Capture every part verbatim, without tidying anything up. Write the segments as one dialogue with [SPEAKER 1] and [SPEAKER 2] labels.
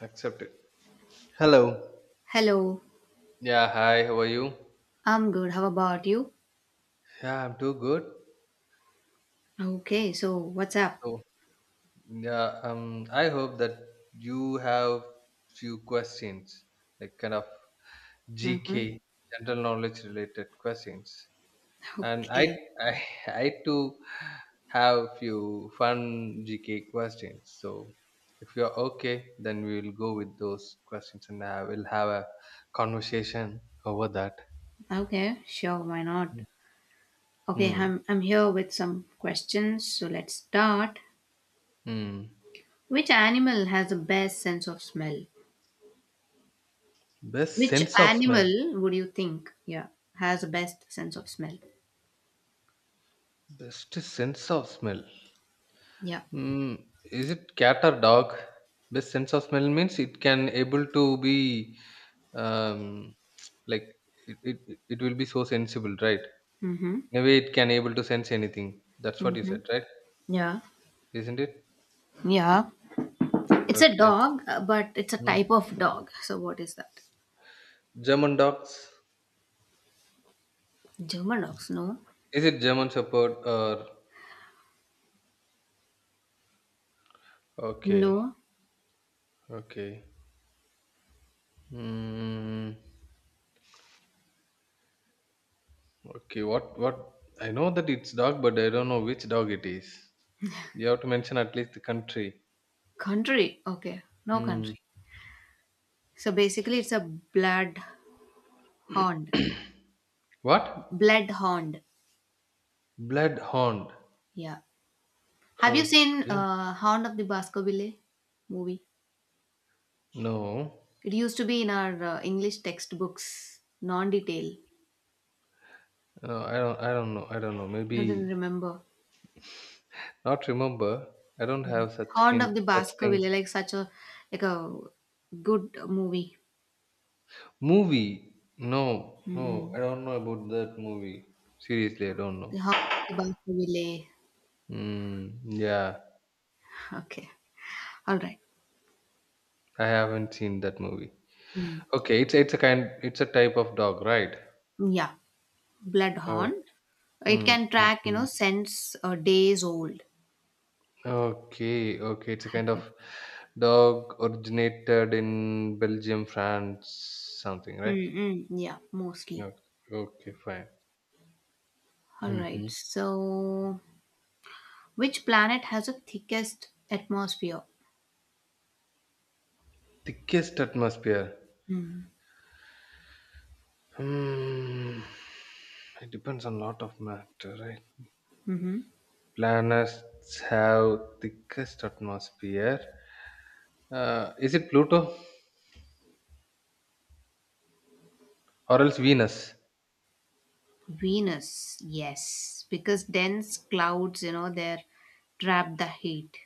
[SPEAKER 1] Accept it. Hello.
[SPEAKER 2] Hello,
[SPEAKER 1] Yeah, hi, how are you?
[SPEAKER 2] I'm good. How about you?
[SPEAKER 1] Yeah, I'm too good.
[SPEAKER 2] Okay, so what's up?
[SPEAKER 1] So, yeah, um, I hope that you have few questions, like kind of
[SPEAKER 2] Mm-hmm.
[SPEAKER 1] G K, general knowledge related questions. And I,
[SPEAKER 2] Okay,
[SPEAKER 1] I, I too have few fun G K questions. So, if you're okay, then we will go with those questions, and I will have a conversation over that.
[SPEAKER 2] okay, sure, why not?
[SPEAKER 1] Hmm.
[SPEAKER 2] Okay,
[SPEAKER 1] Hmm.
[SPEAKER 2] I'm, I'm here with some questions, so let's start.
[SPEAKER 1] Hmm.
[SPEAKER 2] Which animal has the best sense of smell?
[SPEAKER 1] Best
[SPEAKER 2] Which
[SPEAKER 1] sense of smell.
[SPEAKER 2] animal would you think, yeah, has the best sense of smell?
[SPEAKER 1] Best sense of smell.
[SPEAKER 2] Yeah.
[SPEAKER 1] Mm, is it cat or dog? Best sense of smell means it can able to be um, like it, it, it it will be so sensible, right?
[SPEAKER 2] Mm-hmm.
[SPEAKER 1] In a way, it can able to sense anything. That's what you
[SPEAKER 2] Mm-hmm.
[SPEAKER 1] said, right?
[SPEAKER 2] Yeah.
[SPEAKER 1] Isn't it?
[SPEAKER 2] Yeah. It's a
[SPEAKER 1] Okay.
[SPEAKER 2] dog, uh, but it's a
[SPEAKER 1] Mm.
[SPEAKER 2] type of dog. So what is that?
[SPEAKER 1] German dogs.
[SPEAKER 2] German dogs, no?
[SPEAKER 1] Is it German Shepherd or
[SPEAKER 2] No.
[SPEAKER 1] okay? Okay. Mm. Okay, what what I know that it's dog, but I don't know which dog it is. You have to mention at least the country.
[SPEAKER 2] Country. Okay. No
[SPEAKER 1] Hmm.
[SPEAKER 2] country. So basically, it's a blood hound.
[SPEAKER 1] What?
[SPEAKER 2] Blood hound.
[SPEAKER 1] Bloodhound.
[SPEAKER 2] Yeah. Have you seen
[SPEAKER 1] Okay.
[SPEAKER 2] uh, Hound of the Baskerville movie?
[SPEAKER 1] No.
[SPEAKER 2] It used to be in our uh, English textbooks, non-detail.
[SPEAKER 1] No, I don't. I don't know. I don't know.
[SPEAKER 2] You don't
[SPEAKER 1] Maybe
[SPEAKER 2] remember.
[SPEAKER 1] not remember. I don't have such
[SPEAKER 2] Hound of
[SPEAKER 1] kind
[SPEAKER 2] the
[SPEAKER 1] such things.
[SPEAKER 2] Baskerville, like such a like a good movie.
[SPEAKER 1] Movie. No. No. I
[SPEAKER 2] Mm-mm.
[SPEAKER 1] don't know about that movie. Seriously, I don't
[SPEAKER 2] The
[SPEAKER 1] know.
[SPEAKER 2] Hound of the Baskerville.
[SPEAKER 1] Mm, yeah,
[SPEAKER 2] Okay. All right.
[SPEAKER 1] I haven't seen that movie.
[SPEAKER 2] Mm.
[SPEAKER 1] Okay, it's it's a kind. It's a type of dog, right?
[SPEAKER 2] Yeah. Blood hound. It
[SPEAKER 1] Mm,
[SPEAKER 2] can
[SPEAKER 1] mm,
[SPEAKER 2] track, you know,
[SPEAKER 1] mm.
[SPEAKER 2] scents uh, days old.
[SPEAKER 1] Okay, okay. It's a kind
[SPEAKER 2] Okay.
[SPEAKER 1] of dog originated in Belgium, France, something, right?
[SPEAKER 2] Mm-mm, yeah, mostly.
[SPEAKER 1] No. Okay, fine.
[SPEAKER 2] All right.
[SPEAKER 1] Hmm.
[SPEAKER 2] So, which planet has the thickest atmosphere?
[SPEAKER 1] Thickest atmosphere.
[SPEAKER 2] Hmm.
[SPEAKER 1] Hmm. It depends on lot of matter, right?
[SPEAKER 2] Mm-hmm.
[SPEAKER 1] Planets have thickest atmosphere. Uh, is it Pluto or else Venus?
[SPEAKER 2] Venus, yes, because dense clouds, you know, they trap the heat.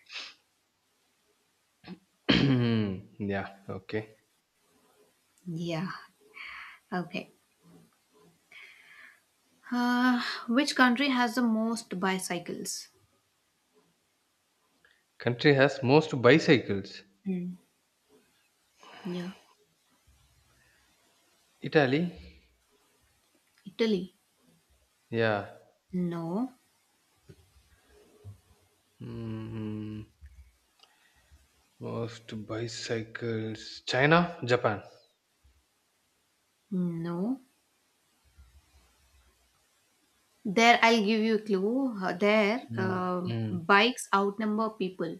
[SPEAKER 1] Yeah, okay.
[SPEAKER 2] Yeah. Okay. Uh, which country has the most bicycles?
[SPEAKER 1] Country has most bicycles.
[SPEAKER 2] Mm. Yeah.
[SPEAKER 1] Italy?
[SPEAKER 2] Italy.
[SPEAKER 1] Yeah.
[SPEAKER 2] No.
[SPEAKER 1] Mm, most bicycles. China, Japan.
[SPEAKER 2] No. There, I'll give you a clue. Uh, There,
[SPEAKER 1] Mm,
[SPEAKER 2] uh,
[SPEAKER 1] mm.
[SPEAKER 2] bikes outnumber people.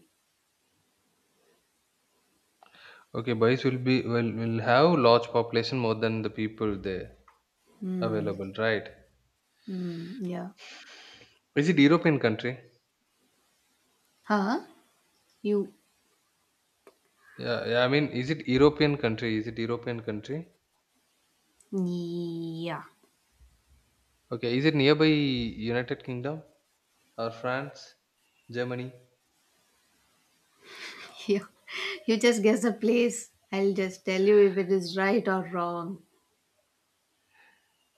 [SPEAKER 1] Okay, bikes will be will will have large population more than the people there
[SPEAKER 2] Hmm.
[SPEAKER 1] available, right?
[SPEAKER 2] Mm, yeah.
[SPEAKER 1] Is it European country?
[SPEAKER 2] Huh? You.
[SPEAKER 1] Yeah, yeah. I mean, is it European country? Is it European country?
[SPEAKER 2] Yeah.
[SPEAKER 1] Okay, is it nearby United Kingdom or France, Germany?
[SPEAKER 2] You, you just guess a place. I'll just tell you if it is right or wrong.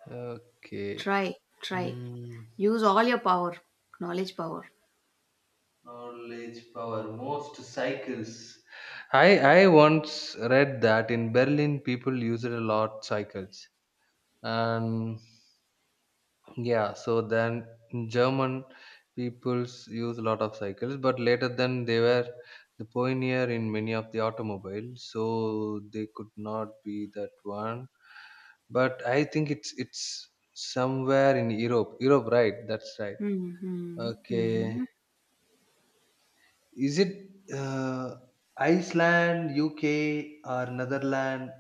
[SPEAKER 1] Okay.
[SPEAKER 2] Try. Try.
[SPEAKER 1] Hmm.
[SPEAKER 2] Use all your power. Knowledge power.
[SPEAKER 1] Knowledge power. Most cycles. I I once read that in Berlin people used a lot cycles, and yeah, so then German peoples use a lot of cycles, but later then they were the pioneer in many of the automobiles, so they could not be that one. But I think it's it's somewhere in Europe. Europe, right? That's right.
[SPEAKER 2] Mm-hmm.
[SPEAKER 1] Okay.
[SPEAKER 2] Hmm.
[SPEAKER 1] Is it uh, Iceland, U K, or Netherlands?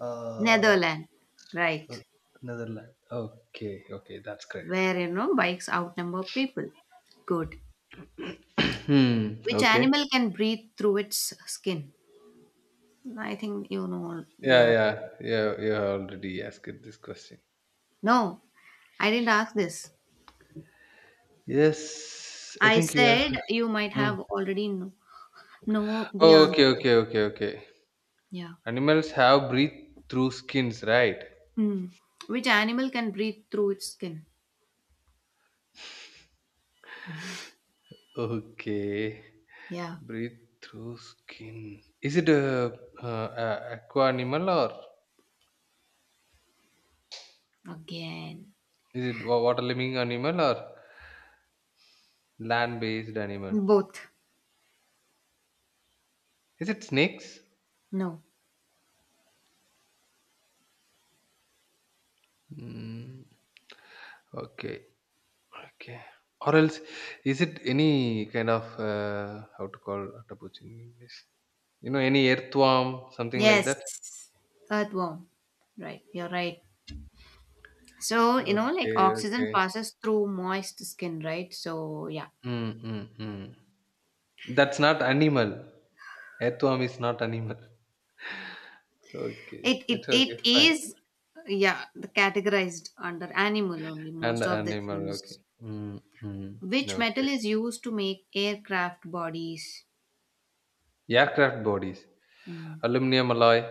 [SPEAKER 1] Uh,
[SPEAKER 2] Netherlands. Right.
[SPEAKER 1] uh, Netherlands. Okay, okay, that's great.
[SPEAKER 2] Where, you know, bikes outnumber people. Good.
[SPEAKER 1] Hmm.
[SPEAKER 2] Which
[SPEAKER 1] Okay.
[SPEAKER 2] animal can breathe through its skin? I think you know the
[SPEAKER 1] Yeah,
[SPEAKER 2] answer.
[SPEAKER 1] yeah, yeah. You have already asked this question.
[SPEAKER 2] No, I didn't ask this.
[SPEAKER 1] Yes, I
[SPEAKER 2] I
[SPEAKER 1] think you
[SPEAKER 2] said
[SPEAKER 1] asked.
[SPEAKER 2] you might
[SPEAKER 1] Hmm.
[SPEAKER 2] have already know. Know the
[SPEAKER 1] Okay,
[SPEAKER 2] answer.
[SPEAKER 1] okay, okay, okay.
[SPEAKER 2] Yeah.
[SPEAKER 1] Animals have breathe through skins, right?
[SPEAKER 2] Mm. Which animal can breathe through its skin?
[SPEAKER 1] Okay,
[SPEAKER 2] Yeah.
[SPEAKER 1] breathe through skin. Is it a, uh, a aqua animal or
[SPEAKER 2] Again.
[SPEAKER 1] is it wa- water living animal or? Land-based animal.
[SPEAKER 2] Both.
[SPEAKER 1] Is it snakes?
[SPEAKER 2] No.
[SPEAKER 1] Mm, okay, okay. Or else, is it any kind of uh, how to call octopus in English? You know, any earthworm, something like
[SPEAKER 2] Yes.
[SPEAKER 1] that.
[SPEAKER 2] Earthworm. Right. You're right. So, you know, like
[SPEAKER 1] Okay,
[SPEAKER 2] oxygen
[SPEAKER 1] okay.
[SPEAKER 2] passes through moist skin, right? So, yeah.
[SPEAKER 1] Mm, mm, mm. That's not animal. Earthworm is not animal. Okay,
[SPEAKER 2] It it,
[SPEAKER 1] it's okay,
[SPEAKER 2] it
[SPEAKER 1] fine.
[SPEAKER 2] is yeah, the categorized under animal only
[SPEAKER 1] And
[SPEAKER 2] most of the
[SPEAKER 1] animal,
[SPEAKER 2] things.
[SPEAKER 1] okay. Mm, mm.
[SPEAKER 2] Which metal
[SPEAKER 1] Okay.
[SPEAKER 2] is used to make aircraft bodies?
[SPEAKER 1] Aircraft bodies,
[SPEAKER 2] Mm.
[SPEAKER 1] aluminum alloy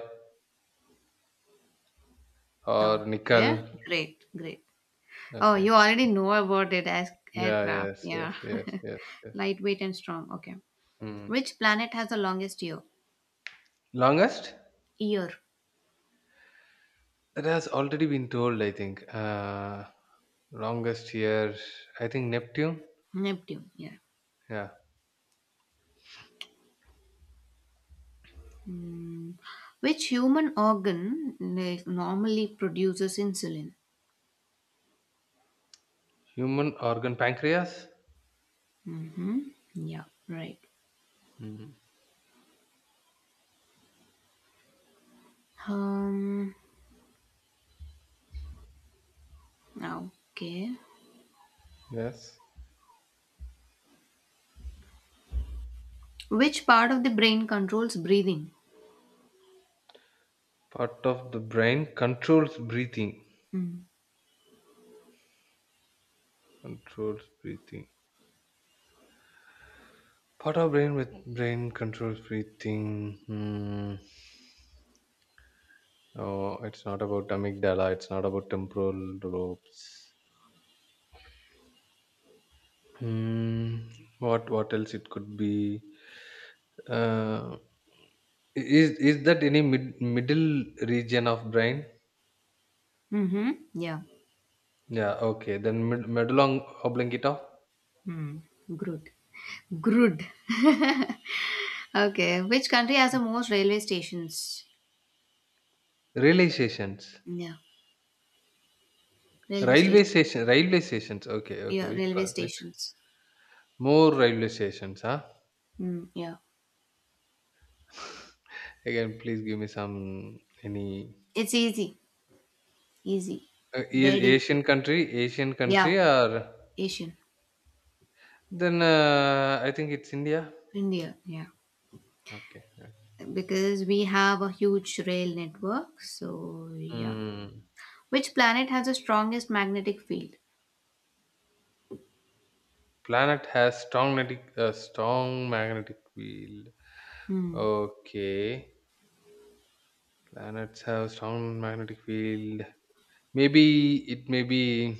[SPEAKER 1] or
[SPEAKER 2] Okay.
[SPEAKER 1] nickel.
[SPEAKER 2] Great. Great. Oh,
[SPEAKER 1] Okay.
[SPEAKER 2] you already know about it as
[SPEAKER 1] Yeah,
[SPEAKER 2] aircraft.
[SPEAKER 1] yes, yes,
[SPEAKER 2] Yeah.
[SPEAKER 1] yes, yes, yes.
[SPEAKER 2] Lightweight and strong. Okay.
[SPEAKER 1] Mm.
[SPEAKER 2] Which planet has the longest year?
[SPEAKER 1] Longest?
[SPEAKER 2] Year.
[SPEAKER 1] That has already been told, I think. Uh, longest here, I think Neptune.
[SPEAKER 2] Neptune. Yeah.
[SPEAKER 1] Yeah.
[SPEAKER 2] Mm. Which human organ like, normally produces insulin?
[SPEAKER 1] Human organ pancreas?
[SPEAKER 2] Mm-hmm. Yeah. Right.
[SPEAKER 1] Mm.
[SPEAKER 2] Um. Okay.
[SPEAKER 1] Yes.
[SPEAKER 2] Which part of the brain controls breathing?
[SPEAKER 1] Part of the brain controls breathing.
[SPEAKER 2] Mm.
[SPEAKER 1] Controls breathing. Part of brain with brain controls breathing. Hmm. Oh, it's not about amygdala. It's not about temporal lobes. Hmm. What what else it could be? Uh, Is is that any mid, middle region of brain?
[SPEAKER 2] Mm-hmm. Yeah.
[SPEAKER 1] Yeah, okay. Then mid, medullum oblongata.
[SPEAKER 2] Mm. Good. Good. Okay. Which country has the most railway stations?
[SPEAKER 1] Railway stations,
[SPEAKER 2] Yeah, railway
[SPEAKER 1] railway
[SPEAKER 2] station.
[SPEAKER 1] station, railway stations. Okay, okay.
[SPEAKER 2] Yeah,
[SPEAKER 1] With
[SPEAKER 2] railway
[SPEAKER 1] which
[SPEAKER 2] stations.
[SPEAKER 1] more railway stations? Huh?
[SPEAKER 2] Mm, yeah,
[SPEAKER 1] Again, please give me some any
[SPEAKER 2] it's easy, easy,
[SPEAKER 1] uh, is
[SPEAKER 2] dead easy.
[SPEAKER 1] Asian country, Asian
[SPEAKER 2] Yeah,
[SPEAKER 1] country, or
[SPEAKER 2] Asian,
[SPEAKER 1] then uh, I think it's India.
[SPEAKER 2] India. Yeah,
[SPEAKER 1] Okay. Okay.
[SPEAKER 2] because we have a huge rail network. So yeah,
[SPEAKER 1] Hmm.
[SPEAKER 2] which planet has the strongest magnetic field?
[SPEAKER 1] Planet has strong magnetic, uh, strong magnetic field.
[SPEAKER 2] Hmm.
[SPEAKER 1] Okay, planets have strong magnetic field. Maybe it may be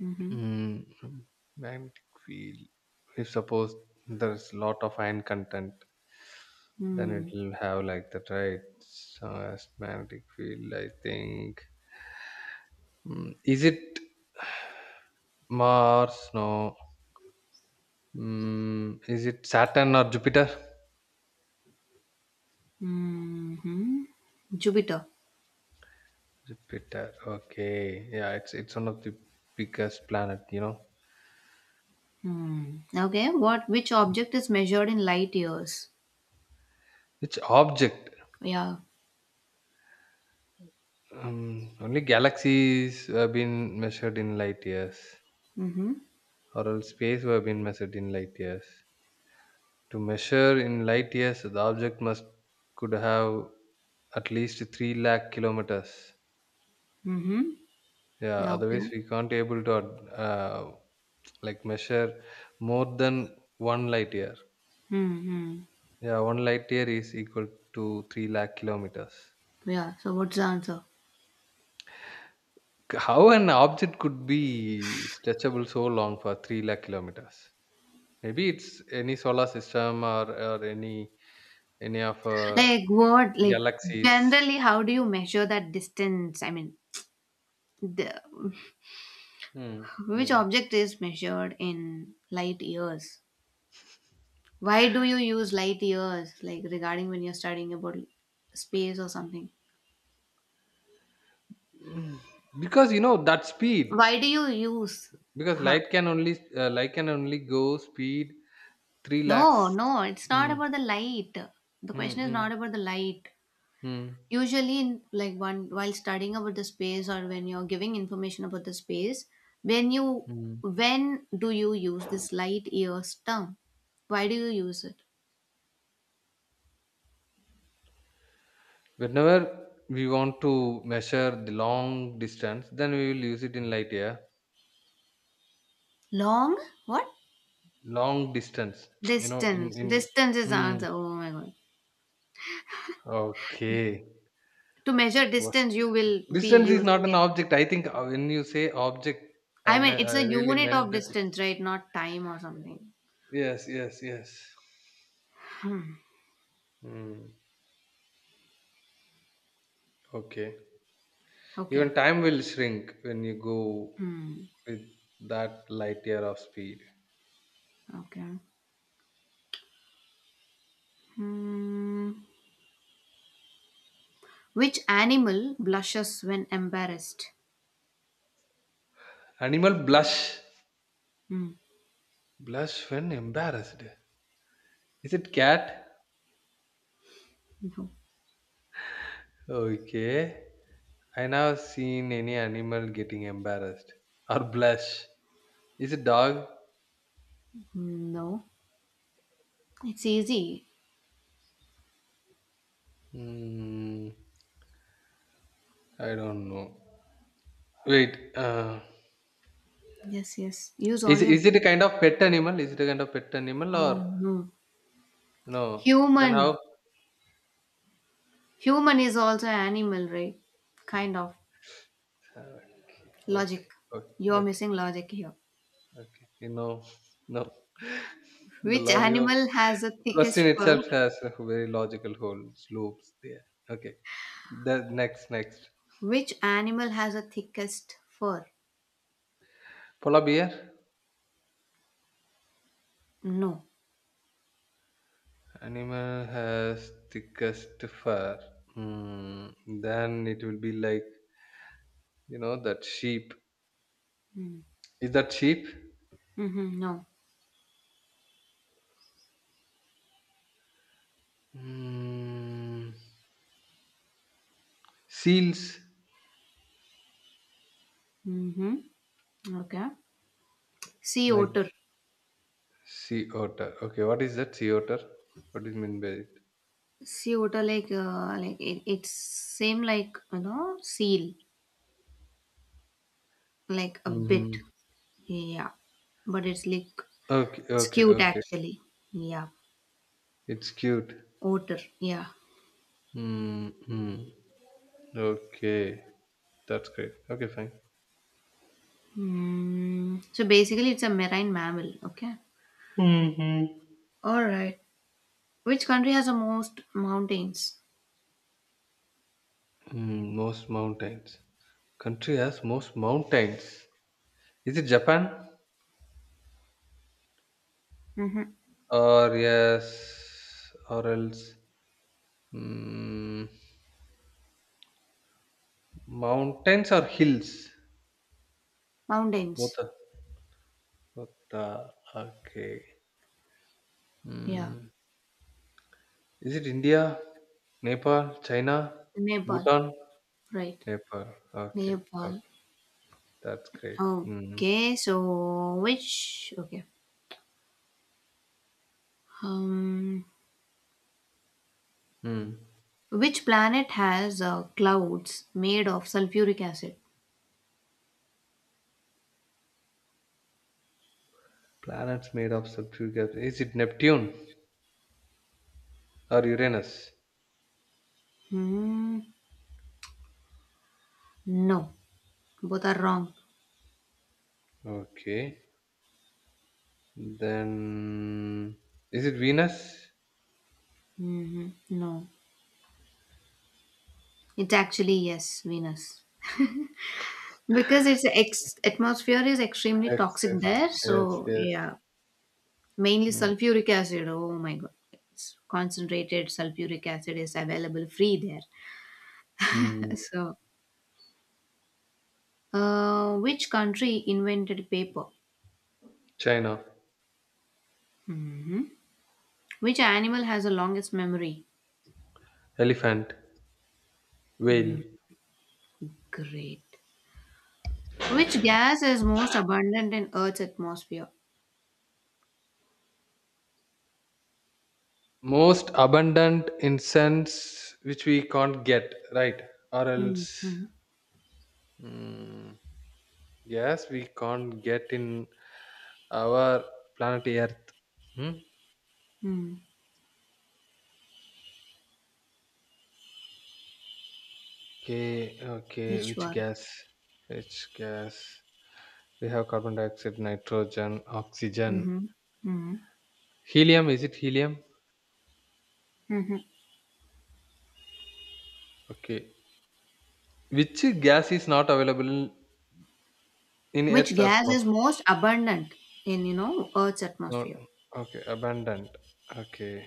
[SPEAKER 2] Mm-hmm.
[SPEAKER 1] mm, magnetic field. If suppose there's lot of iron content, then it
[SPEAKER 2] Hmm.
[SPEAKER 1] will have like that, right? So as magnetic field, I think. Mm, is it Mars? No. Mm, is it Saturn or Jupiter?
[SPEAKER 2] Mm-hmm. Jupiter.
[SPEAKER 1] Jupiter. Okay. Yeah, it's it's one of the biggest planet. You know,
[SPEAKER 2] Hmm. Okay. What? Which object is measured in light years?
[SPEAKER 1] which object?
[SPEAKER 2] Yeah.
[SPEAKER 1] Um, only galaxies have been measured in light years,
[SPEAKER 2] Mm-hmm.
[SPEAKER 1] or else space have been measured in light years. To measure in light years, the object must could have at least three lakh kilometers.
[SPEAKER 2] Mm-hmm.
[SPEAKER 1] Yeah,
[SPEAKER 2] Okay.
[SPEAKER 1] otherwise we can't able to uh, like measure more than one light year.
[SPEAKER 2] Mm-hmm.
[SPEAKER 1] Yeah, one light year is equal to three lakh kilometers.
[SPEAKER 2] Yeah. So what's the answer?
[SPEAKER 1] How an object could be stretchable so long for three lakh kilometers? Maybe it's any solar system or, or any any of uh,
[SPEAKER 2] Like what? Like
[SPEAKER 1] galaxies.
[SPEAKER 2] generally, how do you measure that distance? I mean, the,
[SPEAKER 1] Hmm.
[SPEAKER 2] which
[SPEAKER 1] Hmm.
[SPEAKER 2] object is measured in light years? Why do you use light years? Like regarding when you're studying about space or something.
[SPEAKER 1] Mm, Because you know that speed.
[SPEAKER 2] Why do you use?
[SPEAKER 1] Because
[SPEAKER 2] Huh?
[SPEAKER 1] light can only uh, light can only go speed three
[SPEAKER 2] No,
[SPEAKER 1] lakhs.
[SPEAKER 2] no. It's not
[SPEAKER 1] Hmm.
[SPEAKER 2] about the light. The
[SPEAKER 1] Hmm.
[SPEAKER 2] question is
[SPEAKER 1] Hmm.
[SPEAKER 2] not about the light.
[SPEAKER 1] Hmm.
[SPEAKER 2] Usually in like one while studying about the space or when you're giving information about the space when you
[SPEAKER 1] Hmm.
[SPEAKER 2] when do you use this light years term why do you use it
[SPEAKER 1] Whenever we want to measure the long distance, then we will use it in light year.
[SPEAKER 2] long what
[SPEAKER 1] Long distance, you know in
[SPEAKER 2] distance
[SPEAKER 1] in
[SPEAKER 2] distance is
[SPEAKER 1] mm,
[SPEAKER 2] answer oh my god.
[SPEAKER 1] okay.
[SPEAKER 2] To measure
[SPEAKER 1] was
[SPEAKER 2] distance you will be
[SPEAKER 1] Distance is
[SPEAKER 2] using
[SPEAKER 1] not an
[SPEAKER 2] it.
[SPEAKER 1] object, I think. Uh, when you say object,
[SPEAKER 2] I
[SPEAKER 1] i
[SPEAKER 2] mean
[SPEAKER 1] me-
[SPEAKER 2] it's
[SPEAKER 1] i
[SPEAKER 2] a
[SPEAKER 1] really
[SPEAKER 2] unit of
[SPEAKER 1] meant that.
[SPEAKER 2] distance right not time or something.
[SPEAKER 1] Yes, yes, yes. Mm, okay.
[SPEAKER 2] Okay.
[SPEAKER 1] Even time will shrink when you go
[SPEAKER 2] Hmm.
[SPEAKER 1] with that light year of speed.
[SPEAKER 2] Okay. Hmm. Which animal blushes when embarrassed?
[SPEAKER 1] Animal blush
[SPEAKER 2] Hmm.
[SPEAKER 1] blush when embarrassed. Is it cat?
[SPEAKER 2] Okay.
[SPEAKER 1] Okay. I never seen any animal getting embarrassed or blush. Is it dog?
[SPEAKER 2] No, it's easy.
[SPEAKER 1] Hmm. I don't know. Wait. Uh,
[SPEAKER 2] Yes, yes. Use all
[SPEAKER 1] is
[SPEAKER 2] your
[SPEAKER 1] is it
[SPEAKER 2] brain.
[SPEAKER 1] a kind of pet animal? Is it a kind of pet animal or
[SPEAKER 2] Oh no.
[SPEAKER 1] no? Then
[SPEAKER 2] Human.
[SPEAKER 1] how?
[SPEAKER 2] Human is also animal, right? Kind of.
[SPEAKER 1] Okay.
[SPEAKER 2] Logic.
[SPEAKER 1] Okay. Okay.
[SPEAKER 2] You're
[SPEAKER 1] Okay.
[SPEAKER 2] missing logic here.
[SPEAKER 1] Okay. You know. No. The
[SPEAKER 2] Which
[SPEAKER 1] logic of
[SPEAKER 2] animal has the
[SPEAKER 1] question
[SPEAKER 2] thickest fur?
[SPEAKER 1] itself has a very logical holes, loops there. Okay. The next next
[SPEAKER 2] Which animal has the thickest fur?
[SPEAKER 1] Polar bear.
[SPEAKER 2] No.
[SPEAKER 1] Animal has thickest fur. Hmm. Then it will be like you know that sheep. Is that sheep?
[SPEAKER 2] Mm-hmm. No.
[SPEAKER 1] Hmm. Seals
[SPEAKER 2] Mm-hmm. Okay. Sea
[SPEAKER 1] like
[SPEAKER 2] otter.
[SPEAKER 1] sea otter. Okay, what is that sea otter? What do you mean by it?
[SPEAKER 2] Sea otter like uh, like it, it's same like you know seal like a bit.
[SPEAKER 1] Mm-hmm.
[SPEAKER 2] Yeah. But it's like
[SPEAKER 1] Okay,
[SPEAKER 2] it's
[SPEAKER 1] okay,
[SPEAKER 2] cute
[SPEAKER 1] okay.
[SPEAKER 2] actually. Yeah.
[SPEAKER 1] It's cute.
[SPEAKER 2] Otter. Yeah.
[SPEAKER 1] Mm-hmm. Okay, that's great. Okay, fine.
[SPEAKER 2] Hmm. So basically, it's a marine mammal. Okay.
[SPEAKER 1] Mm-hmm.
[SPEAKER 2] All right. Which country has the most mountains?
[SPEAKER 1] Mm, most mountains. Country has most mountains. Is it Japan?
[SPEAKER 2] Mm-hmm.
[SPEAKER 1] Or yes, or else mm, mountains or hills? Both
[SPEAKER 2] Mountains.
[SPEAKER 1] are. Both are okay.
[SPEAKER 2] Yeah.
[SPEAKER 1] Mm, is it India, Nepal, China,
[SPEAKER 2] Nepal.
[SPEAKER 1] Bhutan,
[SPEAKER 2] Right.
[SPEAKER 1] Nepal? Okay,
[SPEAKER 2] Nepal.
[SPEAKER 1] okay, that's great. Mm,
[SPEAKER 2] Okay. So which? Okay. Um.
[SPEAKER 1] mm.
[SPEAKER 2] Which planet has uh, clouds made of sulfuric acid?
[SPEAKER 1] Planets made of subterranean. Is it Neptune or Uranus?
[SPEAKER 2] Hmm. No. Both are wrong.
[SPEAKER 1] Okay, then is it Venus?
[SPEAKER 2] Mm-hmm. No. It's actually yes, Venus, because its ex- atmosphere is extremely
[SPEAKER 1] Yes,
[SPEAKER 2] toxic
[SPEAKER 1] yes,
[SPEAKER 2] there.
[SPEAKER 1] yes,
[SPEAKER 2] So
[SPEAKER 1] yes.
[SPEAKER 2] yeah, mainly
[SPEAKER 1] Mm.
[SPEAKER 2] sulfuric acid, oh my god. It's concentrated sulfuric acid is available free there.
[SPEAKER 1] Mm.
[SPEAKER 2] So, uh, which country invented paper?
[SPEAKER 1] China.
[SPEAKER 2] Hmm. Which animal has the longest memory?
[SPEAKER 1] Elephant, whale.
[SPEAKER 2] Great. Which gas is most abundant in earth's atmosphere?
[SPEAKER 1] Most abundant incense which we can't get, right? Or else,
[SPEAKER 2] Mm-hmm.
[SPEAKER 1] mm, yes, we can't get in our planet Earth. Hmm?
[SPEAKER 2] Hmm.
[SPEAKER 1] Okay, okay,
[SPEAKER 2] Which
[SPEAKER 1] which
[SPEAKER 2] one?
[SPEAKER 1] gas? Which gas? We have carbon dioxide, nitrogen, oxygen.
[SPEAKER 2] Mm-hmm. Mm-hmm.
[SPEAKER 1] Helium, is it helium?
[SPEAKER 2] Mm-hmm.
[SPEAKER 1] Okay. Which gas is not available in
[SPEAKER 2] Which
[SPEAKER 1] Earth's
[SPEAKER 2] gas is
[SPEAKER 1] atmosphere?
[SPEAKER 2] most abundant in, you know, earth's
[SPEAKER 1] No.
[SPEAKER 2] atmosphere?
[SPEAKER 1] Okay, abundant. Okay.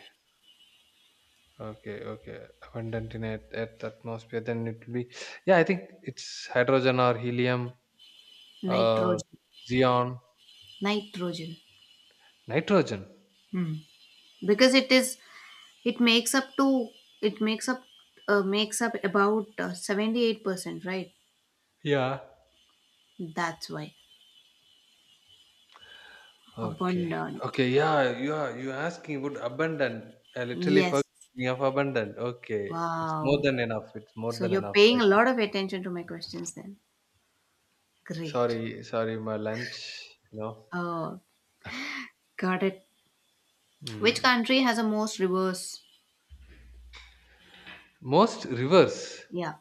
[SPEAKER 1] Okay, okay. Abundant in at, at the atmosphere, then it will be. Yeah, I think it's hydrogen or helium or
[SPEAKER 2] Nitrogen.
[SPEAKER 1] xeon,
[SPEAKER 2] Nitrogen.
[SPEAKER 1] nitrogen.
[SPEAKER 2] Hmm. Because it is, it makes up to, it makes up uh, makes up about uh, seventy-eight percent, right?
[SPEAKER 1] Yeah.
[SPEAKER 2] That's why
[SPEAKER 1] Okay.
[SPEAKER 2] abundant.
[SPEAKER 1] Okay. Yeah. You are you are asking about abundant. I literally
[SPEAKER 2] Yes.
[SPEAKER 1] forgot of abundant. Okay. It's more
[SPEAKER 2] Wow,
[SPEAKER 1] than enough. It's more
[SPEAKER 2] so
[SPEAKER 1] than
[SPEAKER 2] you're
[SPEAKER 1] enough.
[SPEAKER 2] paying
[SPEAKER 1] Right.
[SPEAKER 2] a lot of attention to my questions then. Great.
[SPEAKER 1] Sorry. Sorry. My lunch. You know.
[SPEAKER 2] Oh, got it. Which
[SPEAKER 1] Mm.
[SPEAKER 2] country has the most rivers?
[SPEAKER 1] Most rivers.
[SPEAKER 2] Yeah.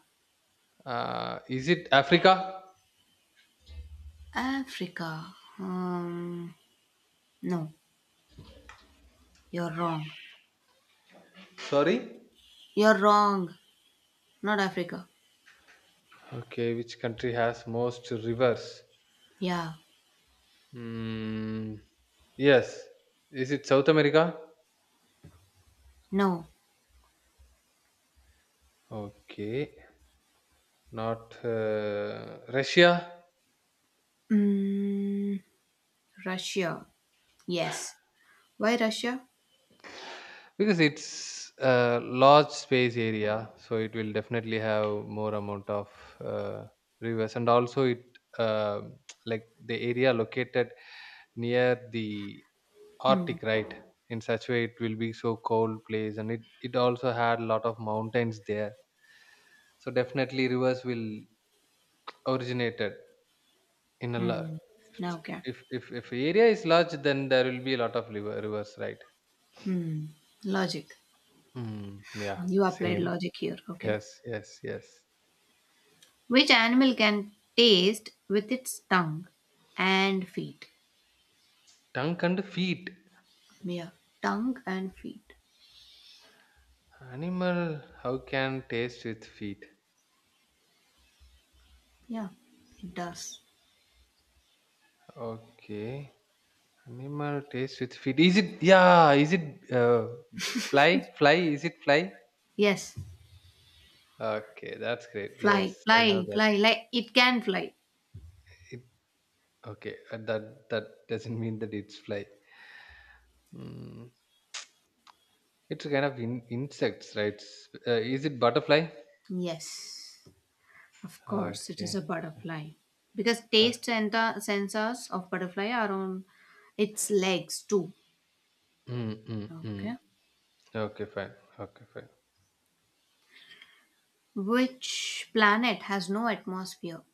[SPEAKER 1] Uh, is it Africa?
[SPEAKER 2] Africa. um no, you're wrong.
[SPEAKER 1] Sorry.
[SPEAKER 2] You're wrong, not Africa.
[SPEAKER 1] Okay. Which country has most rivers?
[SPEAKER 2] Yeah,
[SPEAKER 1] Mm, yes. Is it South America?
[SPEAKER 2] no.
[SPEAKER 1] Okay. Not uh, Russia?
[SPEAKER 2] Mm, Russia. Yes. Why Russia?
[SPEAKER 1] Because it's a large space area, so it will definitely have more amount of uh, rivers. And also it um like the area located near the
[SPEAKER 2] Hmm.
[SPEAKER 1] Arctic, right? In such way it will be so cold place, and it, it also had a lot of mountains there. So definitely rivers will originated in a la-
[SPEAKER 2] Hmm. Now, okay.
[SPEAKER 1] if if if area is large, then there will be a lot of liver, rivers, right.
[SPEAKER 2] Hmm. Logic.
[SPEAKER 1] Mm, yeah.
[SPEAKER 2] You applied
[SPEAKER 1] Same.
[SPEAKER 2] logic here. Okay.
[SPEAKER 1] Yes, yes, yes.
[SPEAKER 2] Which animal can taste with its tongue and feet?
[SPEAKER 1] Tongue and feet.
[SPEAKER 2] Yeah. Tongue and feet.
[SPEAKER 1] Animal, how can taste with feet?
[SPEAKER 2] Yeah. It does.
[SPEAKER 1] Okay. Animal taste with feet, is it? Yeah, is it uh, fly? Fly? Is it fly?
[SPEAKER 2] Yes.
[SPEAKER 1] Okay, that's great.
[SPEAKER 2] Fly.
[SPEAKER 1] Yes. I know
[SPEAKER 2] Fly.
[SPEAKER 1] that
[SPEAKER 2] Fly. Like it can fly.
[SPEAKER 1] it. Okay, uh, that that doesn't mean that it's fly mm. It's a kind of in, insects, right. S- uh, is it butterfly?
[SPEAKER 2] Yes. Of course, it is
[SPEAKER 1] Okay,
[SPEAKER 2] a butterfly. Because taste
[SPEAKER 1] fine.
[SPEAKER 2] and the sensors of butterfly are on its legs too.
[SPEAKER 1] Mm, mm,
[SPEAKER 2] Okay.
[SPEAKER 1] mm. Okay, fine. Okay, fine.
[SPEAKER 2] Which planet has no atmosphere?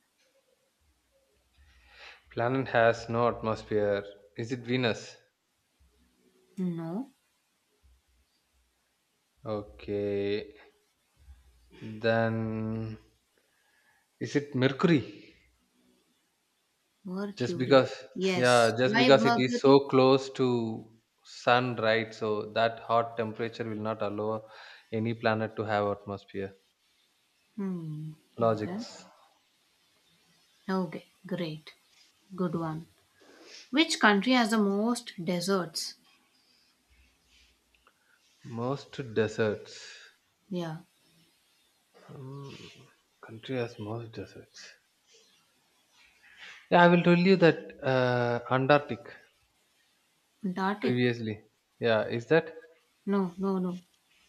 [SPEAKER 1] Planet has no atmosphere. Is it Venus?
[SPEAKER 2] No.
[SPEAKER 1] Okay. Then is it Mercury? Just
[SPEAKER 2] Mercury.
[SPEAKER 1] because,
[SPEAKER 2] Yes.
[SPEAKER 1] yeah, just
[SPEAKER 2] Why
[SPEAKER 1] because it is
[SPEAKER 2] Mercury?
[SPEAKER 1] so close to sun, right? So that hot temperature will not allow any planet to have atmosphere.
[SPEAKER 2] Hmm. Okay.
[SPEAKER 1] Logics.
[SPEAKER 2] Okay, great. Good one. Which country has the most deserts?
[SPEAKER 1] Most deserts.
[SPEAKER 2] Yeah.
[SPEAKER 1] Mm, Country has most deserts. Yeah, I will tell you that uh, Antarctic.
[SPEAKER 2] Antarctic.
[SPEAKER 1] Previously, yeah, is that
[SPEAKER 2] No, no, no.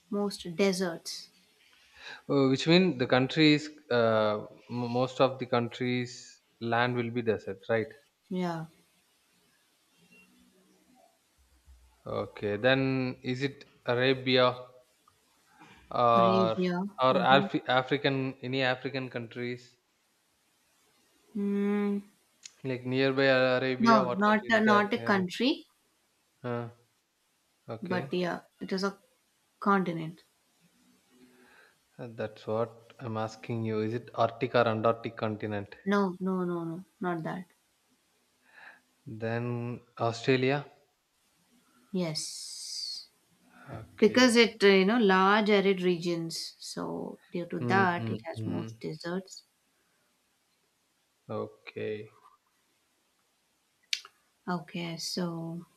[SPEAKER 2] Most deserts.
[SPEAKER 1] uh, which mean the countries, uh, m- most of the countries land will be desert, right?
[SPEAKER 2] Yeah.
[SPEAKER 1] Okay, then is it Arabia or
[SPEAKER 2] Arabia.
[SPEAKER 1] or
[SPEAKER 2] Mm-hmm.
[SPEAKER 1] Alf- african, any African countries
[SPEAKER 2] Mm,
[SPEAKER 1] like nearby Arabia?
[SPEAKER 2] no,
[SPEAKER 1] What
[SPEAKER 2] not
[SPEAKER 1] country
[SPEAKER 2] a,
[SPEAKER 1] is there
[SPEAKER 2] not a
[SPEAKER 1] nearby
[SPEAKER 2] country,
[SPEAKER 1] uh,
[SPEAKER 2] but
[SPEAKER 1] okay.
[SPEAKER 2] yeah, it is a continent.
[SPEAKER 1] Uh, that's what I'm asking you. Is it Arctic or Antarctic continent?
[SPEAKER 2] No, no, no, no. Not that.
[SPEAKER 1] Then Australia.
[SPEAKER 2] Yes, because
[SPEAKER 1] Okay.
[SPEAKER 2] it uh, you know large arid regions, so due to
[SPEAKER 1] Mm,
[SPEAKER 2] that
[SPEAKER 1] mm,
[SPEAKER 2] it has most
[SPEAKER 1] mm.
[SPEAKER 2] deserts.
[SPEAKER 1] Okay,
[SPEAKER 2] Okay, so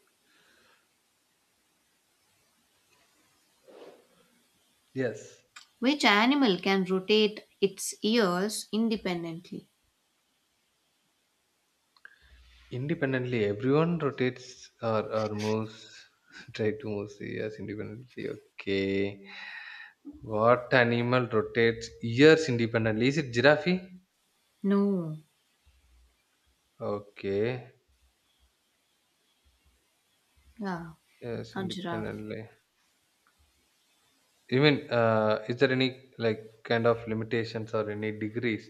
[SPEAKER 1] yes.
[SPEAKER 2] which animal can rotate its ears independently?
[SPEAKER 1] Independently, everyone rotates or, or moves. Try to move years independently. Okay. What animal rotates years independently? Is it giraffe?
[SPEAKER 2] No,
[SPEAKER 1] Okay.
[SPEAKER 2] yeah,
[SPEAKER 1] Yes,
[SPEAKER 2] not giraffe.
[SPEAKER 1] independently. You mean, uh, is there any like kind of limitations or any degrees,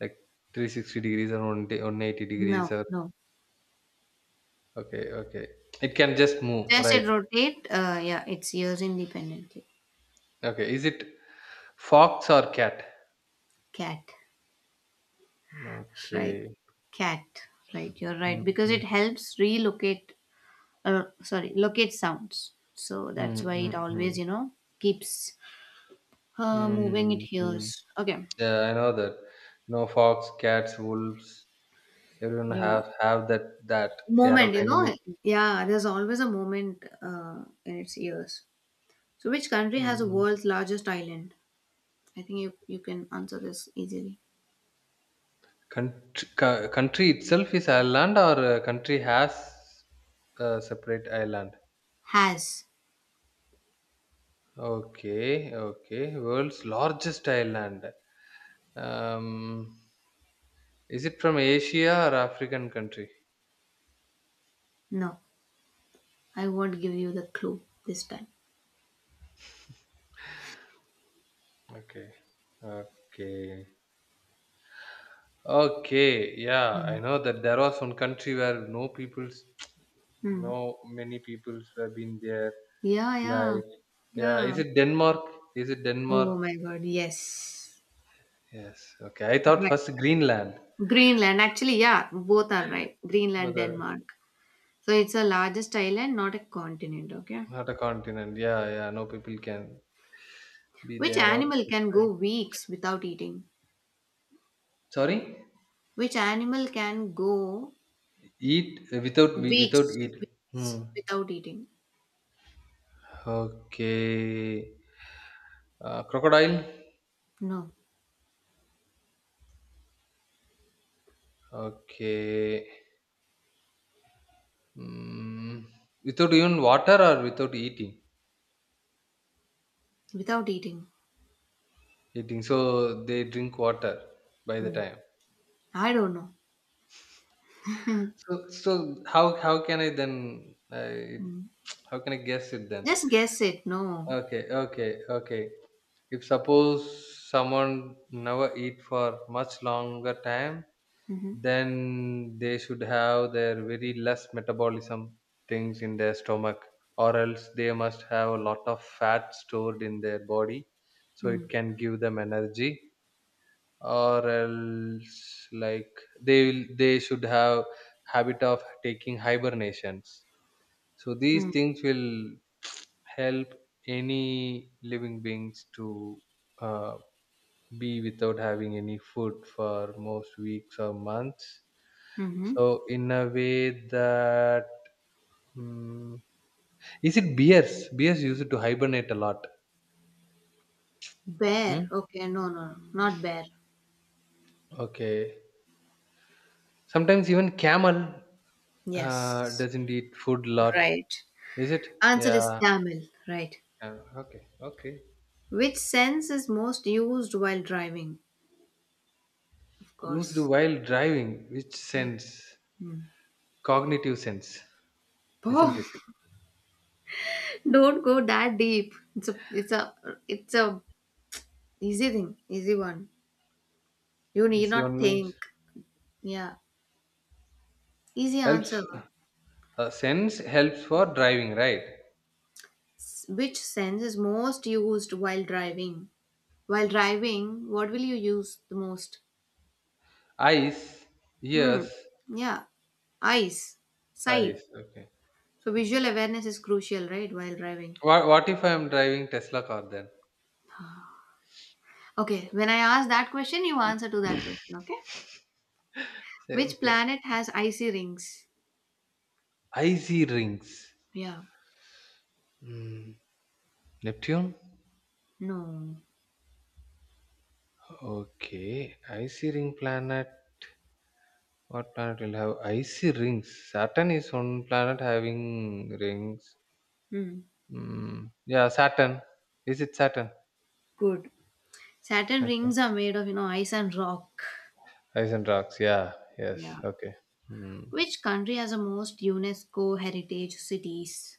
[SPEAKER 1] like three hundred sixty degrees or one hundred eighty
[SPEAKER 2] No,
[SPEAKER 1] degrees or
[SPEAKER 2] no,
[SPEAKER 1] okay, okay. It can just move,
[SPEAKER 2] does it
[SPEAKER 1] right?
[SPEAKER 2] rotate? Uh, yeah, its ears independently.
[SPEAKER 1] Okay. Is it fox or cat?
[SPEAKER 2] Cat, right?
[SPEAKER 1] Okay.
[SPEAKER 2] Cat, right? You're right
[SPEAKER 1] Mm,
[SPEAKER 2] because
[SPEAKER 1] mm,
[SPEAKER 2] it helps relocate. Uh, sorry, locate sounds. So that's
[SPEAKER 1] mm,
[SPEAKER 2] why it
[SPEAKER 1] mm,
[SPEAKER 2] always
[SPEAKER 1] mm.
[SPEAKER 2] you know keeps Uh, moving it
[SPEAKER 1] Mm, mm.
[SPEAKER 2] here's okay.
[SPEAKER 1] Yeah, I know that. You know, fox, cats, wolves, everyone
[SPEAKER 2] Yeah.
[SPEAKER 1] have have that that
[SPEAKER 2] Moment, you know,
[SPEAKER 1] aerodynamic.
[SPEAKER 2] yeah, there's always a moment uh, in its years. So, which country has the
[SPEAKER 1] Mm.
[SPEAKER 2] world's largest island? I think you, you can answer this easily.
[SPEAKER 1] Country, co- country itself is island, or uh, country has a separate island.
[SPEAKER 2] Has.
[SPEAKER 1] Okay, okay. World's largest island. Um, is it from Asia or African country?
[SPEAKER 2] No, I won't give you the clue this time.
[SPEAKER 1] Okay, okay. Okay, yeah, I
[SPEAKER 2] Mm.
[SPEAKER 1] know that there was one country where no people's.
[SPEAKER 2] Hmm.
[SPEAKER 1] No, many peoples have been there.
[SPEAKER 2] Yeah, yeah,
[SPEAKER 1] Like, yeah,
[SPEAKER 2] yeah.
[SPEAKER 1] is it Denmark? Is it Denmark?
[SPEAKER 2] Oh my god, yes.
[SPEAKER 1] Yes. Okay. I thought
[SPEAKER 2] Right.
[SPEAKER 1] first Greenland,
[SPEAKER 2] Greenland, actually, yeah, both are right.
[SPEAKER 1] but
[SPEAKER 2] Greenland,
[SPEAKER 1] uh,
[SPEAKER 2] Denmark. So, it's the largest island, not a continent, okay?
[SPEAKER 1] not a continent. Yeah, yeah. No people can be
[SPEAKER 2] Which
[SPEAKER 1] there. Okay,
[SPEAKER 2] animal can
[SPEAKER 1] fine.
[SPEAKER 2] go weeks without eating?
[SPEAKER 1] Sorry,
[SPEAKER 2] Which animal can go
[SPEAKER 1] eat uh, without we- without
[SPEAKER 2] weeks,
[SPEAKER 1] eat.
[SPEAKER 2] weeks
[SPEAKER 1] Hmm.
[SPEAKER 2] without eating?
[SPEAKER 1] Okay. Uh, crocodile.
[SPEAKER 2] No,
[SPEAKER 1] Okay. Mm. Without even water or without eating.
[SPEAKER 2] without eating.
[SPEAKER 1] Eating. So they drink water by the
[SPEAKER 2] Hmm.
[SPEAKER 1] time.
[SPEAKER 2] I don't know.
[SPEAKER 1] So so how how can I then uh,
[SPEAKER 2] Hmm.
[SPEAKER 1] how can I guess it then?
[SPEAKER 2] Just guess it. No.
[SPEAKER 1] Okay, okay, okay. If suppose someone never eat for much longer time,
[SPEAKER 2] Mm-hmm.
[SPEAKER 1] then they should have their very less metabolism things in their stomach, or else they must have a lot of fat stored in their body, so it
[SPEAKER 2] Mm.
[SPEAKER 1] can give them energy. Or else, like they will, they should have habit of taking hibernations so
[SPEAKER 2] Mm. Mm-hmm.
[SPEAKER 1] these
[SPEAKER 2] Hmm.
[SPEAKER 1] things will help any living beings to uh, be without having any food for most weeks or months.
[SPEAKER 2] Hmm. Hmm.
[SPEAKER 1] So in a way that mm, is it bears? Bears used to hibernate a lot. Hmm?
[SPEAKER 2] Bear. Okay. No, no, no. Not bear.
[SPEAKER 1] Okay. Sometimes even camel uh,
[SPEAKER 2] Yes.
[SPEAKER 1] doesn't eat food a lot.
[SPEAKER 2] Right.
[SPEAKER 1] Is it?
[SPEAKER 2] Answer is
[SPEAKER 1] Yeah,
[SPEAKER 2] camel. Right.
[SPEAKER 1] yeah. Okay. Okay.
[SPEAKER 2] Which sense is most used while driving? Of
[SPEAKER 1] Used
[SPEAKER 2] course.
[SPEAKER 1] while driving, which sense?
[SPEAKER 2] Hmm.
[SPEAKER 1] Cognitive sense, isn't it?
[SPEAKER 2] Oh, don't go that deep. It's a it's a it's a easy thing, easy one. You need
[SPEAKER 1] This
[SPEAKER 2] not
[SPEAKER 1] one means
[SPEAKER 2] think. Yeah. Easy
[SPEAKER 1] helps
[SPEAKER 2] answer.
[SPEAKER 1] uh, sense helps for driving, right?
[SPEAKER 2] S- Which sense is most used while driving? While driving, what will you use the most?
[SPEAKER 1] Eyes,
[SPEAKER 2] Hmm.
[SPEAKER 1] ears,
[SPEAKER 2] Yeah. Eyes. Sight.
[SPEAKER 1] eyes. Okay.
[SPEAKER 2] So visual awareness is crucial, right? While driving.
[SPEAKER 1] What what if I am driving Tesla car then?
[SPEAKER 2] Okay. When I ask that question, you answer to that question, okay?
[SPEAKER 1] Say
[SPEAKER 2] Which
[SPEAKER 1] okay.
[SPEAKER 2] planet has icy rings?
[SPEAKER 1] I see rings.
[SPEAKER 2] Yeah.
[SPEAKER 1] Hmm. Neptune.
[SPEAKER 2] No.
[SPEAKER 1] Okay. I see ring planet. What planet will have icy rings? Saturn is one planet having rings.
[SPEAKER 2] Hmm.
[SPEAKER 1] Hmm. Yeah, Saturn. Is it Saturn?
[SPEAKER 2] Good. Saturn rings are
[SPEAKER 1] Okay.
[SPEAKER 2] made of, you know, ice and rock.
[SPEAKER 1] Ice and rocks. Yeah.
[SPEAKER 2] Yeah.
[SPEAKER 1] Yes. Okay. Hmm.
[SPEAKER 2] Which country has the most UNESCO heritage cities?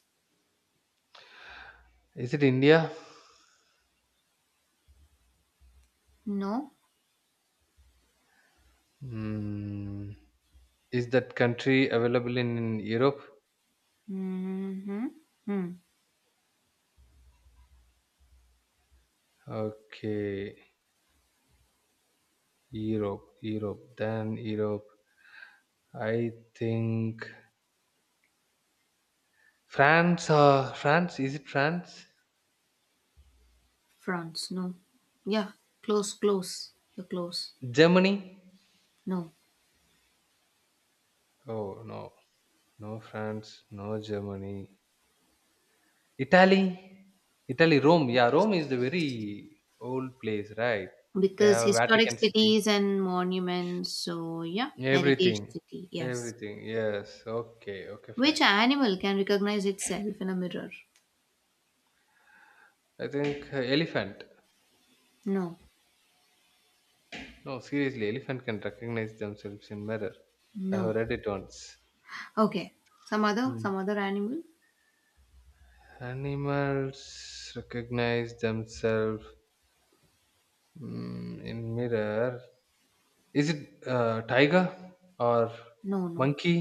[SPEAKER 1] Is it India?
[SPEAKER 2] No.
[SPEAKER 1] Hmm, is that country available in Europe?
[SPEAKER 2] Mm-hmm. Hmm.
[SPEAKER 1] Okay, Europe, Europe, then Europe. I think France. Uh, France. Is it France?
[SPEAKER 2] France. No. Yeah. Close. Close. You're close.
[SPEAKER 1] Germany?
[SPEAKER 2] No.
[SPEAKER 1] Oh no, no France, no Germany. Italy, Italy. Rome. Yeah, Rome is the very
[SPEAKER 2] Yes.
[SPEAKER 1] old place, right? They
[SPEAKER 2] Because
[SPEAKER 1] have
[SPEAKER 2] historic
[SPEAKER 1] Vatican City.
[SPEAKER 2] cities and monuments. So yeah, heritage
[SPEAKER 1] Everything,
[SPEAKER 2] city. Yes.
[SPEAKER 1] everything. Yes. Okay. Okay.
[SPEAKER 2] Which
[SPEAKER 1] Fine.
[SPEAKER 2] animal can recognize itself in a mirror?
[SPEAKER 1] I think uh, elephant.
[SPEAKER 2] No.
[SPEAKER 1] No, seriously, elephant can recognize themselves in mirror. I have
[SPEAKER 2] No.
[SPEAKER 1] read it once.
[SPEAKER 2] Okay. Some other.
[SPEAKER 1] Hmm.
[SPEAKER 2] Some other animal.
[SPEAKER 1] Animals recognize themselves mm, in mirror. Is it uh, tiger or
[SPEAKER 2] No. No.
[SPEAKER 1] monkey?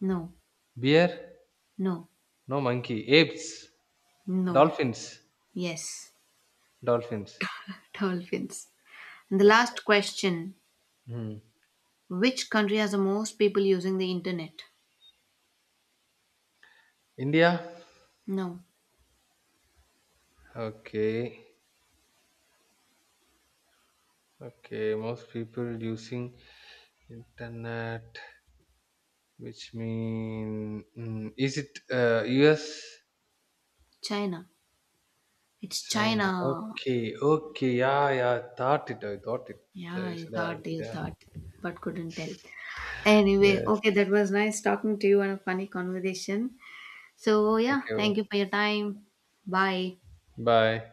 [SPEAKER 2] No.
[SPEAKER 1] Bear?
[SPEAKER 2] No,
[SPEAKER 1] No, monkey. Apes?
[SPEAKER 2] no,
[SPEAKER 1] Dolphins?
[SPEAKER 2] yes,
[SPEAKER 1] Dolphins.
[SPEAKER 2] dolphins. And the
[SPEAKER 1] Okay.
[SPEAKER 2] last question,
[SPEAKER 1] Hmm.
[SPEAKER 2] which country has the most people using the internet?
[SPEAKER 1] India?
[SPEAKER 2] No,
[SPEAKER 1] Okay. Okay. Most people using internet, which mean mm, is it uh, U S?
[SPEAKER 2] China. It's
[SPEAKER 1] China.
[SPEAKER 2] China.
[SPEAKER 1] Okay, okay. Yeah, yeah. Thought it. I thought it.
[SPEAKER 2] Yeah,
[SPEAKER 1] I
[SPEAKER 2] you
[SPEAKER 1] should have.
[SPEAKER 2] thought, you
[SPEAKER 1] Yeah.
[SPEAKER 2] thought, but couldn't tell. Anyway,
[SPEAKER 1] Yes.
[SPEAKER 2] okay, that was nice talking to you and a funny conversation. So,
[SPEAKER 1] Thank
[SPEAKER 2] yeah, thank
[SPEAKER 1] you.
[SPEAKER 2] you for your time. Bye.
[SPEAKER 1] Bye.